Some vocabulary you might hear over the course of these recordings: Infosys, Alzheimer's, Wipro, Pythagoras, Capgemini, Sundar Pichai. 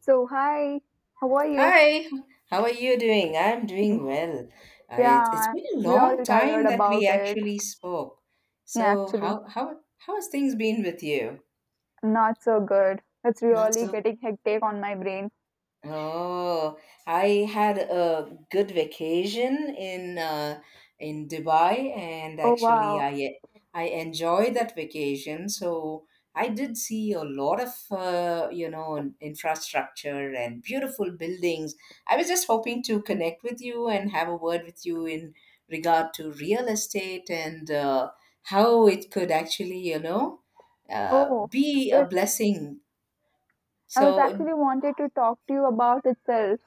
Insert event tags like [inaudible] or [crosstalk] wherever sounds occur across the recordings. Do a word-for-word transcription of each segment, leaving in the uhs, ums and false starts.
So, hi, how are you? Hi, how are you doing? I'm Mm, doing well. Uh, it, it's Yeah, been a long really time tired that we about it. actually spoke. Yeah, So actually, how how how has things been with you? not so good. It's Not really so getting hectic on my brain. Oh, I had a good vacation in uh, in Dubai, and Oh, actually, wow. I I enjoyed that vacation. So I did see a lot of uh, you know infrastructure and beautiful buildings. I was just hoping to connect with you and have a word with you in regard to real estate and uh, how it could actually you know uh, Oh, be a it, blessing. I was So actually wanted to talk to you about itself.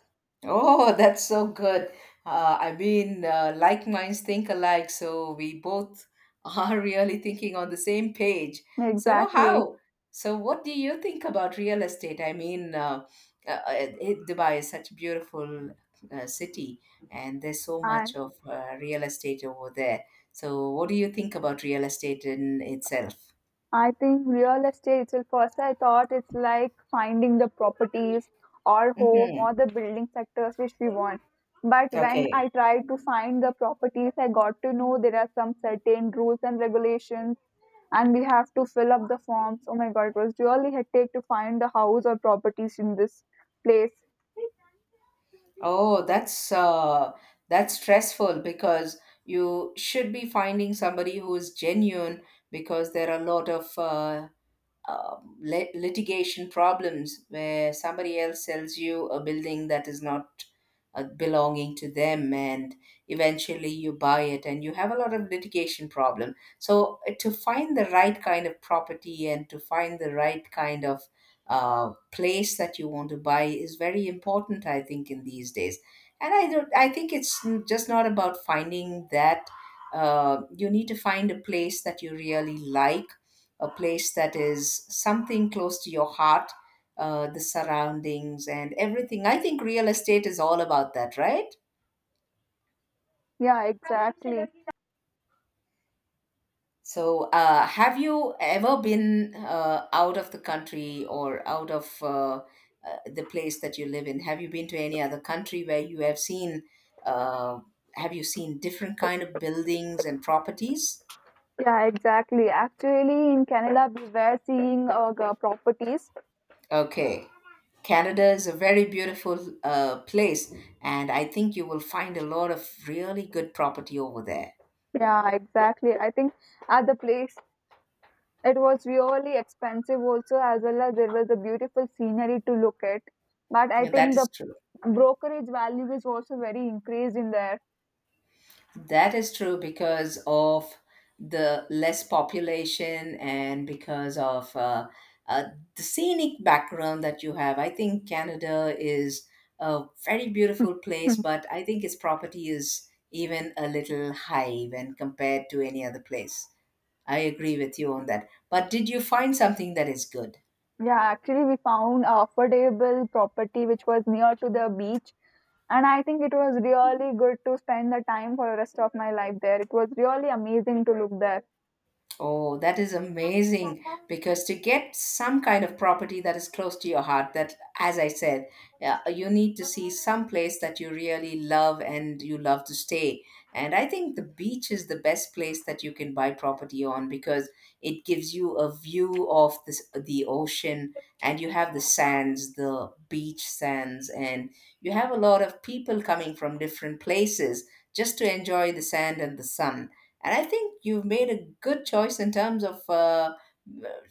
Oh, that's so good. Uh, I mean, uh, like minds think alike, so we both [laughs] are really thinking on the same page. So, Exactly. how? So, what do you think about real estate? I mean, uh, uh, uh, it- Dubai is such a beautiful uh, city, and there's so I much of uh, real estate over there. So, what do you think about real estate in itself? I think real estate itself, first I thought it's like finding the properties or home Hmm. or the building sectors which we want. But when Okay. I tried to find the properties, I got to know there are some certain rules and regulations and we have to fill up the forms. Oh my god, it was really hectic to find the house or properties in this place. Oh, that's uh, that's stressful because you should be finding somebody who is genuine because there are a lot of uh, um, lit- litigation problems where somebody else sells you a building that is not uh, belonging to them, and eventually you buy it and you have a lot of litigation problem. So uh, to find the right kind of property and to find the right kind of uh, place that you want to buy is very important, I think, in these days. And I don't I think it's n- just not about finding that. Uh, you need to find a place that you really like, a place that is something close to your heart, uh, the surroundings and everything. I think real estate is all about that, right? Yeah, exactly. So, uh, have you ever been uh, out of the country or out of uh, uh, the place that you live in? Have you been to any other country where you have seen? Uh, have you seen different kind of buildings and properties? Yeah, exactly. Actually, in Canada, we were seeing uh, g- properties. Okay. Canada is a very beautiful uh, place, and I think you will find a lot of really good property over there. Yeah, exactly. I think at the place it was really expensive also, as well as there was a beautiful scenery to look at. But I Yeah, that think is the true. brokerage value is also very increased in there. That is true because of the less population and because of uh, uh, the scenic background that you have. I think Canada is a very beautiful place, [laughs] but I think its property is even a little high when compared to any other place. I agree with you on that. But did you find something that is good? Yeah, actually, we found a affordable property which was near to the beach, and I think it was really good to spend the time for the rest of my life there. It was really amazing to look there. Oh, that is amazing because to get some kind of property that is close to your heart, that, as I said, yeah, you need to see some place that you really love and you love to stay. And I think the beach is the best place that you can buy property on because it gives you a view of this, the ocean, and you have the sands, the beach sands, and you have a lot of people coming from different places just to enjoy the sand and the sun. And I think you've made a good choice in terms of uh,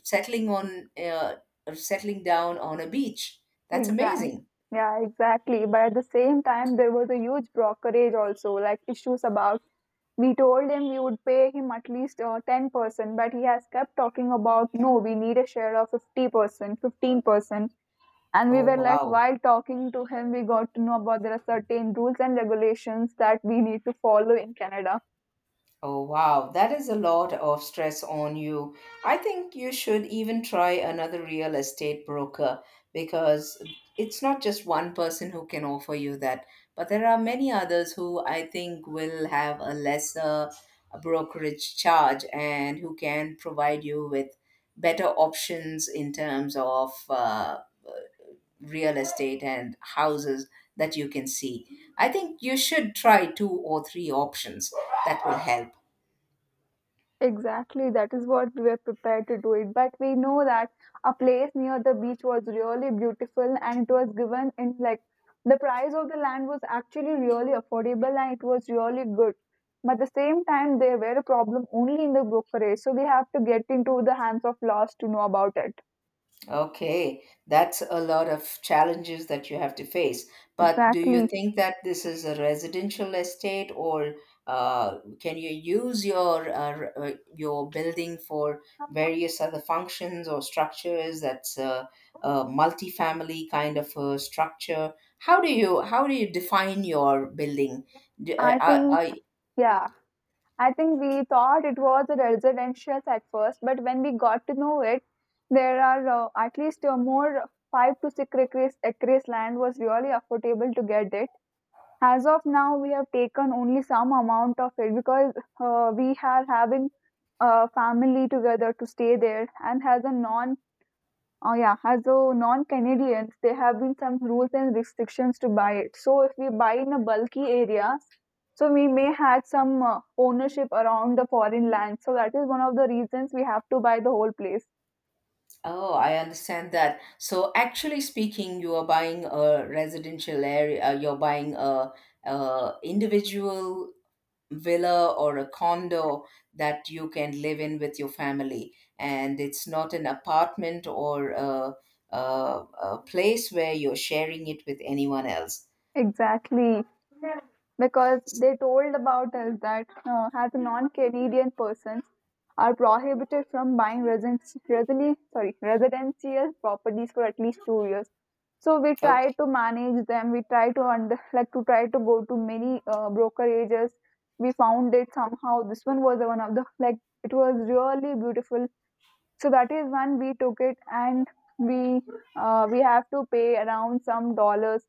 settling on uh, settling down on a beach. That's Exactly. amazing. Yeah, exactly. But at the same time, there was a huge brokerage also, like issues about. We told him we would pay him at least uh, ten percent, but he has kept talking about no, we need a share of fifty percent, fifteen percent. And we oh were like, wow while talking to him, we got to know about there are certain rules and regulations that we need to follow in Canada. Oh, wow, that is a lot of stress on you. I think you should even try another real estate broker because it's not just one person who can offer you that, but there are many others who I think will have a lesser brokerage charge and who can provide you with better options in terms of uh, real estate and houses that you can see. I think you should try two or three options that will help. Exactly, that is what we were prepared to do it. But we know that a place near the beach was really beautiful and it was given in like the price of the land was actually really affordable and it was really good. But at the same time, they were a problem only in the brokerage. So we have to get into the hands of laws to know about it. Okay, that's a lot of challenges that you have to face. But do you Exactly. think that this is a residential estate, or uh, can you use your uh, r- uh, your building for various other functions or structures? That's a, a multi-family kind of a structure. How do you how do you define your building? Do, uh, I are, think, are yeah, I think we thought it was a residential at first, but when we got to know it, there are uh, at least uh, more five to six acres, acres land was really affordable to get it. As of now, we have taken only some amount of it because uh, we are having a family together to stay there, and as a non oh yeah, as a non-Canadians, there have been some rules and restrictions to buy it. So if we buy in a bulky area, so we may have some uh, ownership around the foreign land. So that is one of the reasons we have to buy the whole place. Oh, I understand that. So, actually speaking, you are buying a residential area, uh, you're buying a, a individual villa or a condo that you can live in with your family. And it's not an apartment or a, a, a place where you're sharing it with anyone else. Exactly, because they told about us that uh, as non-Canadian persons are prohibited from buying residence, resili, sorry, residential properties for at least two years. So we try to manage them. We try to under, like to try to go to many uh, brokerages. We found it somehow. This one was one of the like it was really beautiful. So that is when we took it and we uh, we have to pay around some dollars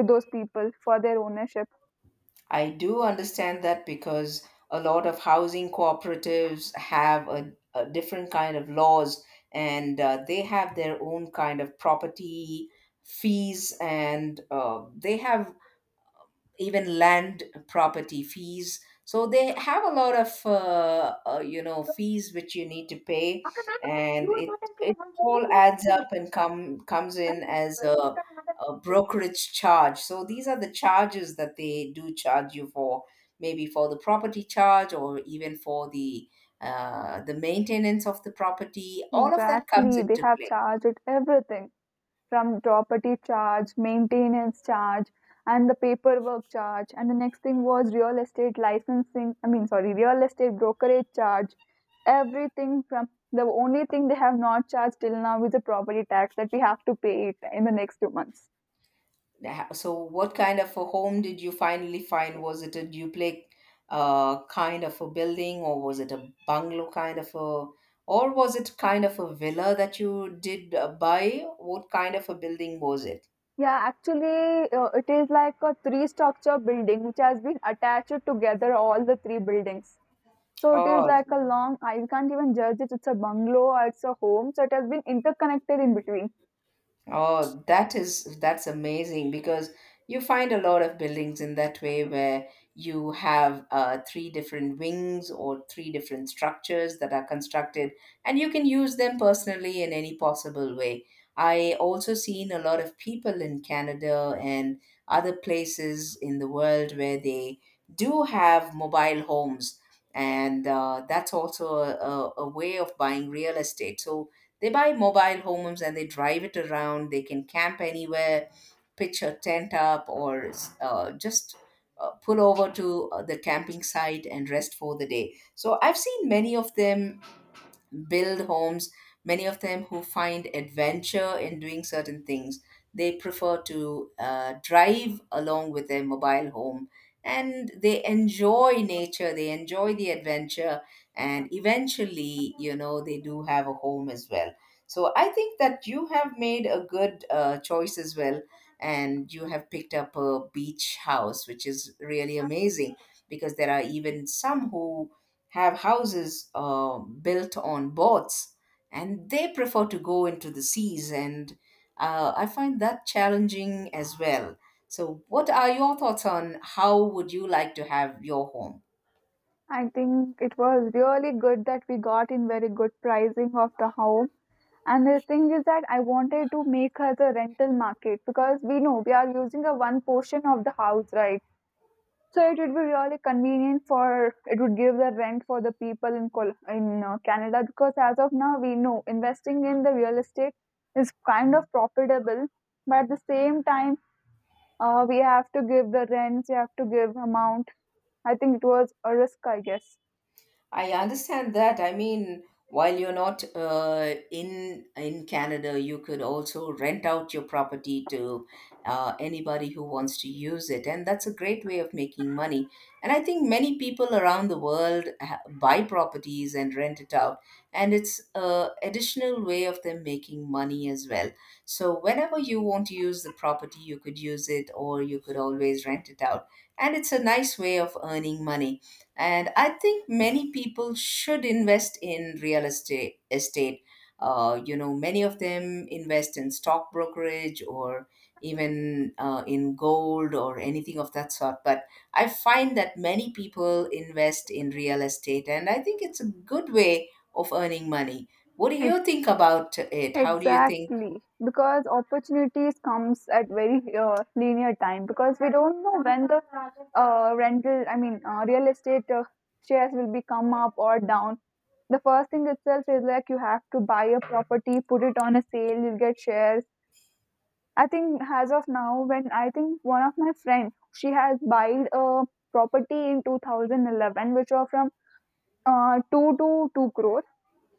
to those people for their ownership. I do understand that because a lot of housing cooperatives have a, a different kind of laws, and uh, they have their own kind of property fees, and uh, they have even land property fees. So they have a lot of uh, uh, you know fees which you need to pay, and it it all adds up and come comes in as a, a brokerage charge. So these are the charges that they do charge you for, maybe for the property charge or even for the uh, the maintenance of the property. All of that comes Exactly, they into have play. charged it everything from property charge, maintenance charge, and the paperwork charge. And the next thing was real estate licensing, I mean, sorry, real estate brokerage charge. Everything from the only thing they have not charged till now is the property tax that we have to pay it in the next two months. Ha- So, what kind of a home did you finally find? Was it a duplex uh, kind of a building, or was it a bungalow kind of a, or was it kind of a villa that you did uh, buy? What kind of a building was it? Yeah, actually, uh, it is like a three structure building which has been attached together, all the three buildings. So it is Oh, like a long, I can't even judge it. It's a bungalow or it's a home. So it has been interconnected in between. Oh, that is that's amazing because you find a lot of buildings in that way where you have uh, three different wings or three different structures that are constructed, and you can use them personally in any possible way. I also seen a lot of people in Canada and other places in the world where they do have mobile homes, and uh, that's also a, a, a way of buying real estate. So they buy mobile homes and they drive it around. They can camp anywhere, pitch a tent up, or uh, just uh, pull over to uh, the camping site and rest for the day. So I've seen many of them build homes, many of them who find adventure in doing certain things. They prefer to uh, drive along with their mobile home, and they enjoy nature, they enjoy the adventure, and eventually, you know, they do have a home as well. So I think that you have made a good uh, choice as well, and you have picked up a beach house, which is really amazing because there are even some who have houses uh, built on boats and they prefer to go into the seas. And uh, I find that challenging as well. So what are your thoughts on how would you like to have your home? I think it was really good that we got in very good pricing of the home. And the thing is that I wanted to make her the rental market because we know we are using a one portion of the house, right? So it would be really convenient for it would give the rent for the people in Col- in uh, Canada because as of now we know investing in the real estate is kind of profitable, but at the same time Uh, we have to give the rents, we have to give amount. I think it was a risk, I guess. I understand that. I mean, while you're not uh, in in Canada, you could also rent out your property to uh, anybody who wants to use it, and that's a great way of making money. And I think many people around the world ha- buy properties and rent it out, and it's a additional way of them making money as well. So whenever you want to use the property, you could use it, or you could always rent it out, and it's a nice way of earning money. And I think many people should invest in real estate estate uh, you know Many of them invest in stock brokerage or even uh, in gold or anything of that sort, but I find that many people invest in real estate and I think it's a good way of earning money. What do Ex- you think about it? How do you think? Exactly, because opportunities comes at very uh, linear time because we don't know when the uh, rental, I mean, uh, real estate uh, shares will be come up or down. The first thing itself is like you have to buy a property, put it on a sale, you'll get shares. I think as of now, when I think one of my friend, she has buyed a property in two thousand eleven, which was from uh, two to two crore,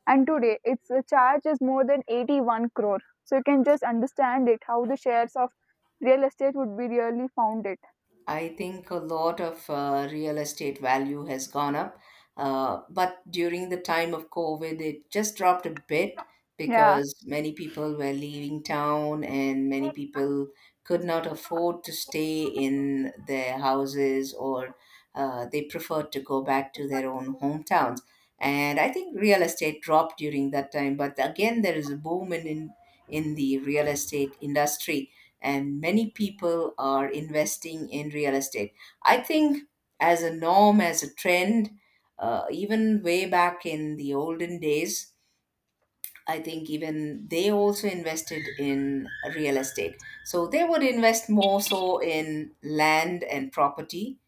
and today its uh, charge is more than eighty-one crore, so you can just understand it how the shares of real estate would be really founded. I think a lot of uh, real estate value has gone up, uh, but during the time of COVID, it just dropped a bit Yeah, because many people were leaving town and many people could not afford to stay in their houses, or uh, they preferred to go back to their own hometowns. And I think real estate dropped during that time, but again, there is a boom in in, in the real estate industry, and many people are investing in real estate. I think as a norm, as a trend, uh, even way back in the olden days, I think even they also invested in real estate. So they would invest more so in land and property,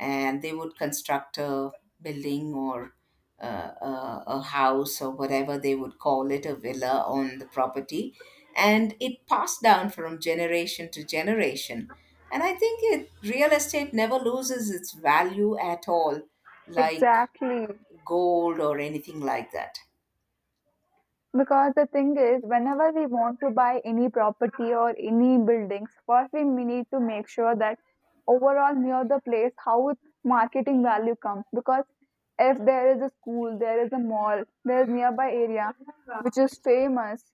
and they would construct a building, or uh, a, a house, or whatever they would call it, a villa on the property. And it passed down from generation to generation. And I think it, real estate never loses its value at all, like exactly, gold or anything like that. because the thing is whenever we want to buy any property or any buildings, first we need to make sure that overall near the place how its marketing value comes. Because if there is a school, there is a mall, there is nearby area which is famous,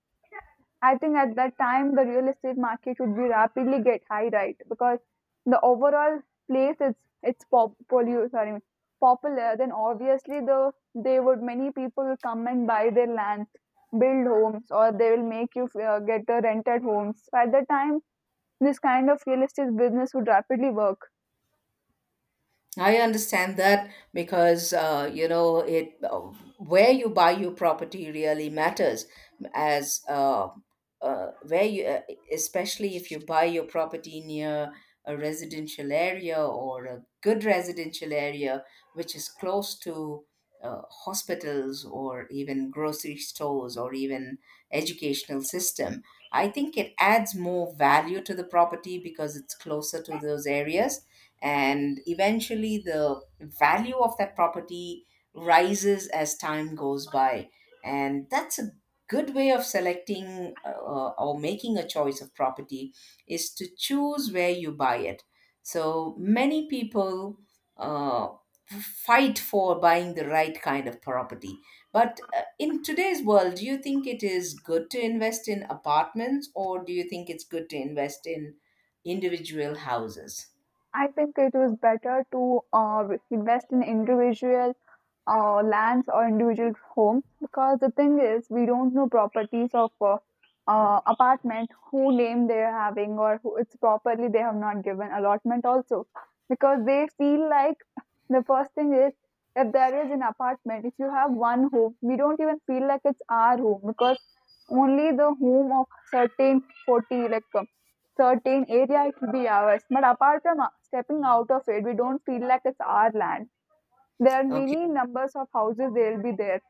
I think at that time the real estate market would be rapidly get high, right? Because the overall place is it's pop polu- sorry, popular, then obviously the they would many people will come and buy their lands, build homes, or they will make you uh, get the rented homes. So at that time, this kind of real estate business would rapidly work. I understand that because uh, you know it uh, where you buy your property really matters as uh, uh, where you uh, especially if you buy your property near a residential area or a good residential area which is close to uh, hospitals or even grocery stores or even educational system. I think it adds more value to the property because it's closer to those areas, and eventually the value of that property rises as time goes by. And that's a good way of selecting uh, or making a choice of property is to choose where you buy it. So many people uh, fight for buying the right kind of property. But uh, in today's world, do you think it is good to invest in apartments, or do you think it's good to invest in individual houses? I think it was better to uh, invest in individual uh, lands or individual homes because the thing is we don't know properties of uh, uh, apartment who name they are having or who it's properly they have not given allotment also because they feel like the first thing is if there is an apartment, if you have one home, we don't even feel like it's our home because only the home of certain forty like uh, certain area it will be ours, but apart from uh, stepping out of it we don't feel like it's our land. There are Okay. many numbers of houses they'll be there.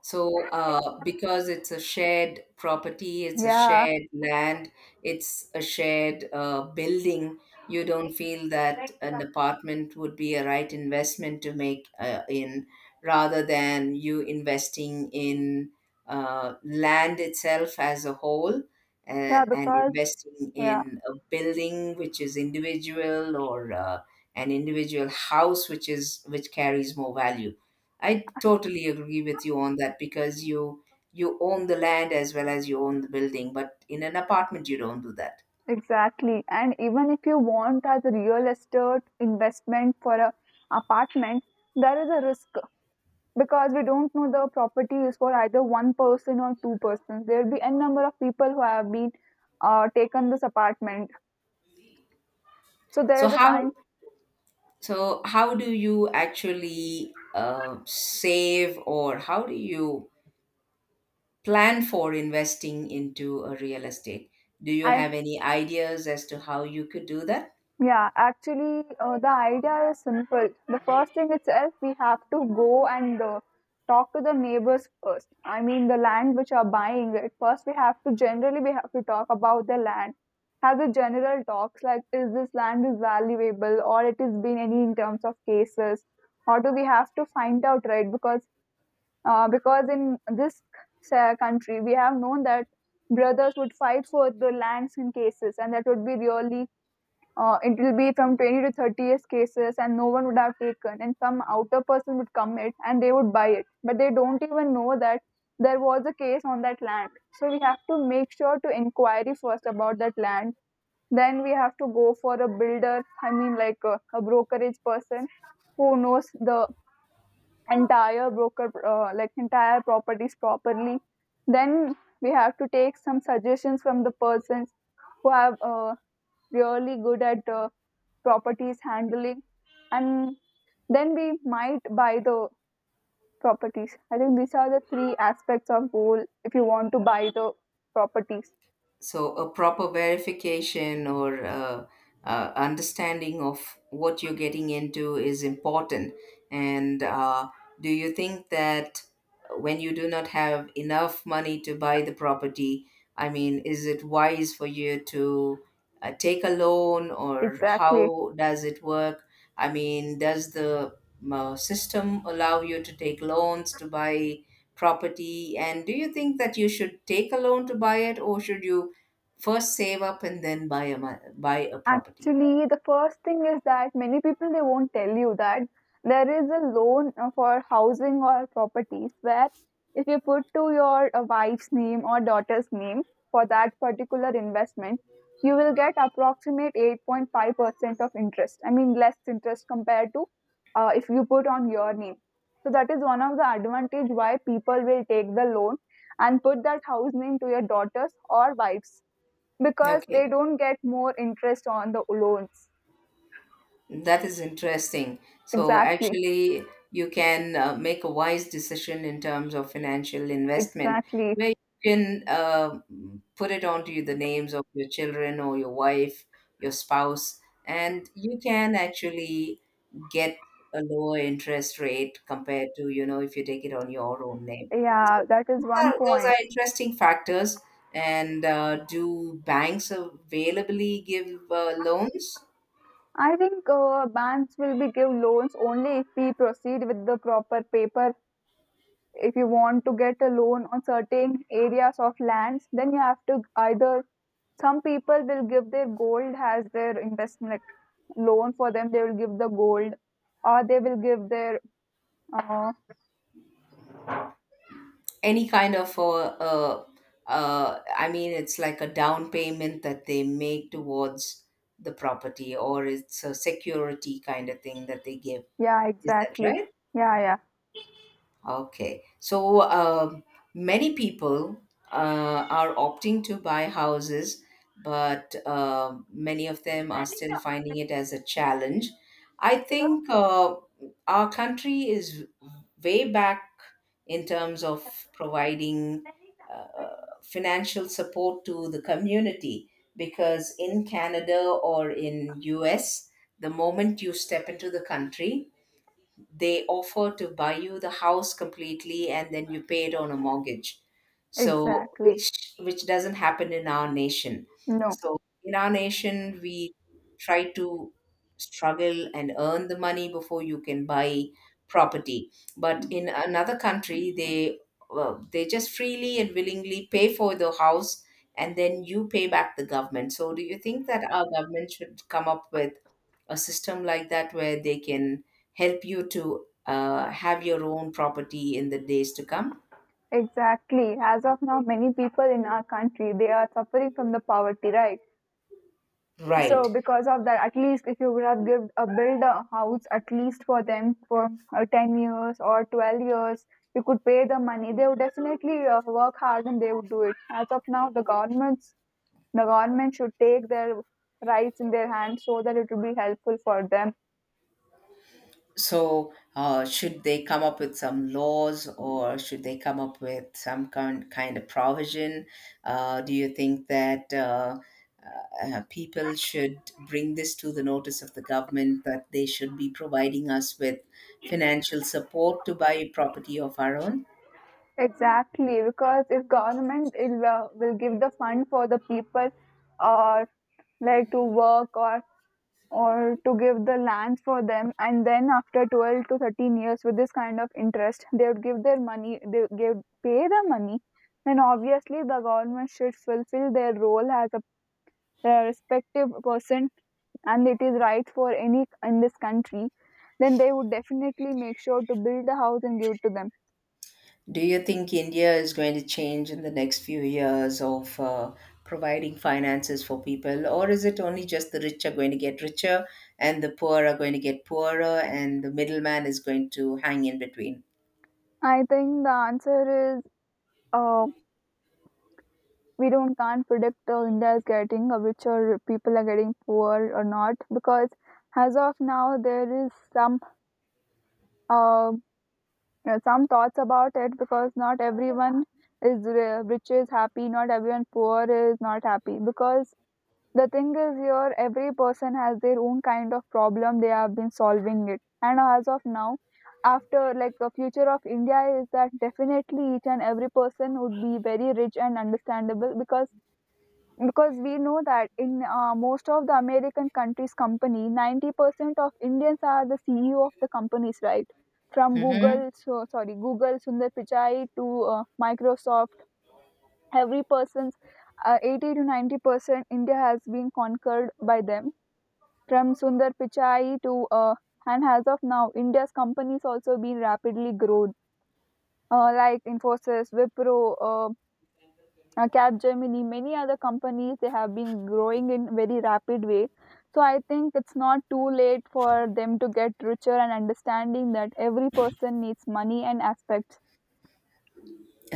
So, uh, because it's a shared property, it's a Yeah. shared land, it's a shared uh, building, you don't feel that an apartment would be a right investment to make uh, in, rather than you investing in uh, land itself as a whole, uh, Yeah and because investing yeah, in a building which is individual, or uh, an individual house which is which carries more value. I totally agree with you on that because you you own the land as well as you own the building, but in an apartment you don't do that. exactly. And even if you want as a real estate investment for a apartment, there is a risk because we don't know the property is for either one person or two persons. There will be n number of people who have been uh, taken this apartment. So there So is a how kind. so how do you actually uh, save, or how do you plan for investing into a real estate? Do you I have any ideas as to how you could do that? Yeah, actually, uh, the idea is simple. The first thing itself, we have to go and uh, talk to the neighbors first. I mean, the land which are buying it. First, we have to generally we have to talk about the land. Have the general talks like, is this land is valuable or it is been any in terms of cases, or do we have to find out, right? Because uh, because in this uh, country, we have known that brothers would fight for the lands in cases, and that would be really uh, it will be from twenty to thirty years cases, and no one would have taken, and some outer person would come it and they would buy it, but they don't even know that there was a case on that land. So we have to make sure to inquiry first about that land. Then we have to go for a builder I mean like a, a brokerage person who knows the entire broker uh, like entire properties properly. Then we have to take some suggestions from the persons who have uh, really good at uh, properties handling, and then we might buy the properties. I think these are the three aspects of goal if you want to buy the properties. So a proper verification or uh, uh, understanding of what you're getting into is important. And uh, do you think that when you do not have enough money to buy the property, I mean, is it wise for you to uh, take a loan, or Exactly. how does it work? I mean, does the uh, system allow you to take loans to buy property, and do you think that you should take a loan to buy it, or should you first save up and then buy a mo- buy a property? Actually, the first thing is that many people they won't tell you that there is a loan uh, for housing or properties where if you put to your uh, wife's name or daughter's name for that particular investment, you will get approximate eight point five percent of interest. I mean, less interest compared to uh, if you put on your name. So that is one of the advantage why people will take the loan and put that house name to your daughter's or wife's, because they Okay, don't get more interest on the loans. that is interesting. So Exactly, actually, you can uh, make a wise decision in terms of financial investment, exactly. where you can uh, put it onto the names of your children or your wife, your spouse, and you can actually get a lower interest rate compared to, you know, if you take it on your own name. Yeah, that is one Well, those point. are interesting factors. And uh, do banks availably give uh, loans? I think uh, banks will be give loans only if we proceed with the proper paper. If you want to get a loan on certain areas of lands, then you have to either some people will give their gold as their investment like, loan for them. They will give the gold, or they will give their uh, Any kind of, uh, uh, uh, I mean, it's like a down payment that they make towards the property, or it's a security kind of thing that they give. yeah, Is that exactly, right? yeah, Okay. So um many people uh, are opting to buy houses, but uh, many of them are still finding it as a challenge. I think uh, our country is way back in terms of providing uh, financial support to the community, because in Canada or in U S, the moment you step into the country, they offer to buy you the house completely and then you pay it on a mortgage. yeah, So exactly. which which doesn't happen in our nation. No. So in our nation we try to struggle and earn the money before you can buy property, but in another country they, well, they just freely and willingly pay for the house and then you pay back the government. So do you think that our government should come up with a system like that where they can help you to uh, have your own property in the days to come? Exactly. As of now, many people in our country they are suffering from the poverty, right? So Right. because of that, at least if you would have give a build a house at least for them for uh, ten years or twelve years, you could pay the money. They would definitely uh, work hard and they would do it. As of now, the governments the government should take their rights in their hands so that it will be helpful for them. So, uh, should they come up with some laws, or should they come up with some kind, kind of provision? Uh, do you think that uh, uh, uh, people should bring this to the notice of the government, that they should be providing us with financial support to buy property of our own? Exactly, because if government it will, uh, will give the fund for the people or like to work or or to give the lands for them, and then after twelve to thirteen years with this kind of interest they would give their money, they would give pay the money, then obviously the government should fulfill their role as a their respective person, and it is right for any in this country, then they would definitely make sure to build a house and give it to them. Do you think India is going to change in the next few years of uh, providing finances for people, or is it only just the rich are going to get richer and the poor are going to get poorer and the middleman is going to hang in between? I think the answer uh, we don't can't predict uh, India is getting uh, rich or people are getting poor or not, because as of now there is some uh, uh, some thoughts about it because not everyone is ri- rich is happy, not everyone poor is not happy, because the thing is here every person has their own kind of problem they have been solving it. And as of now after like the future of India is that definitely each and every person would be very rich and understandable, because because we know that in uh, most of the American countries company ninety percent of Indians are the CEO of the companies, right, from Hmm. google so sorry, Google Sundar Pichai to uh, Microsoft. Every person's uh, eighty to ninety percent India has been conquered by them, from Sundar Pichai to uh, and as of now India's companies also been rapidly grown, uh, like Infosys, Wipro, uh, uh, Capgemini, many other companies, they have been growing in very rapid way. So I think it's not too late for them to get richer and understanding that every person needs money and aspects.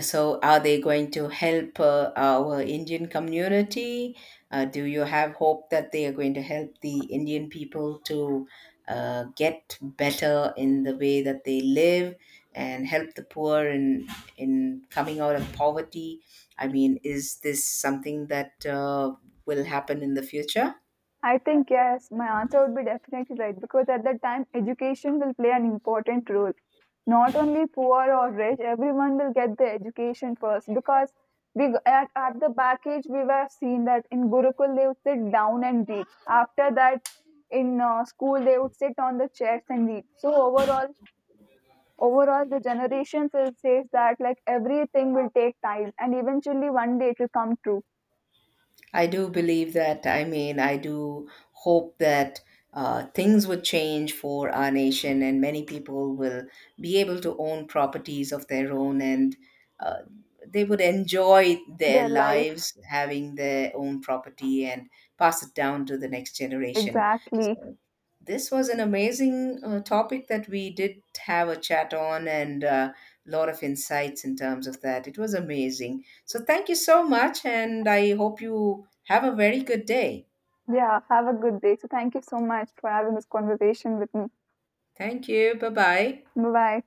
So, are they going to help uh, our Indian community? Uh, do you have hope that they are going to help the Indian people to uh, get better in the way that they live and help the poor in in coming out of poverty? I mean, is this something that uh, will happen in the future? I think yes, my answer would be definitely right because at that time education will play an important role. Not only poor or rich, everyone will get the education first because we at, at the back age we were seen that in Gurukul they would sit down and read. After that, in uh, school they would sit on the chairs and read. So overall, overall the generations still says that like everything will take time and eventually one day it will come true. I do believe that. I mean, I do hope that uh, things would change for our nation and many people will be able to own properties of their own and uh, they would enjoy their Their life lives having their own property and pass it down to the next generation. exactly. So, this was an amazing uh, topic that we did have a chat on, and uh, a lot of insights in terms of that. It was amazing. So thank you so much, and I hope you have a very good day. Yeah, have a good day. So, thank you so much for having this conversation with me. Thank you. Bye bye. Bye bye.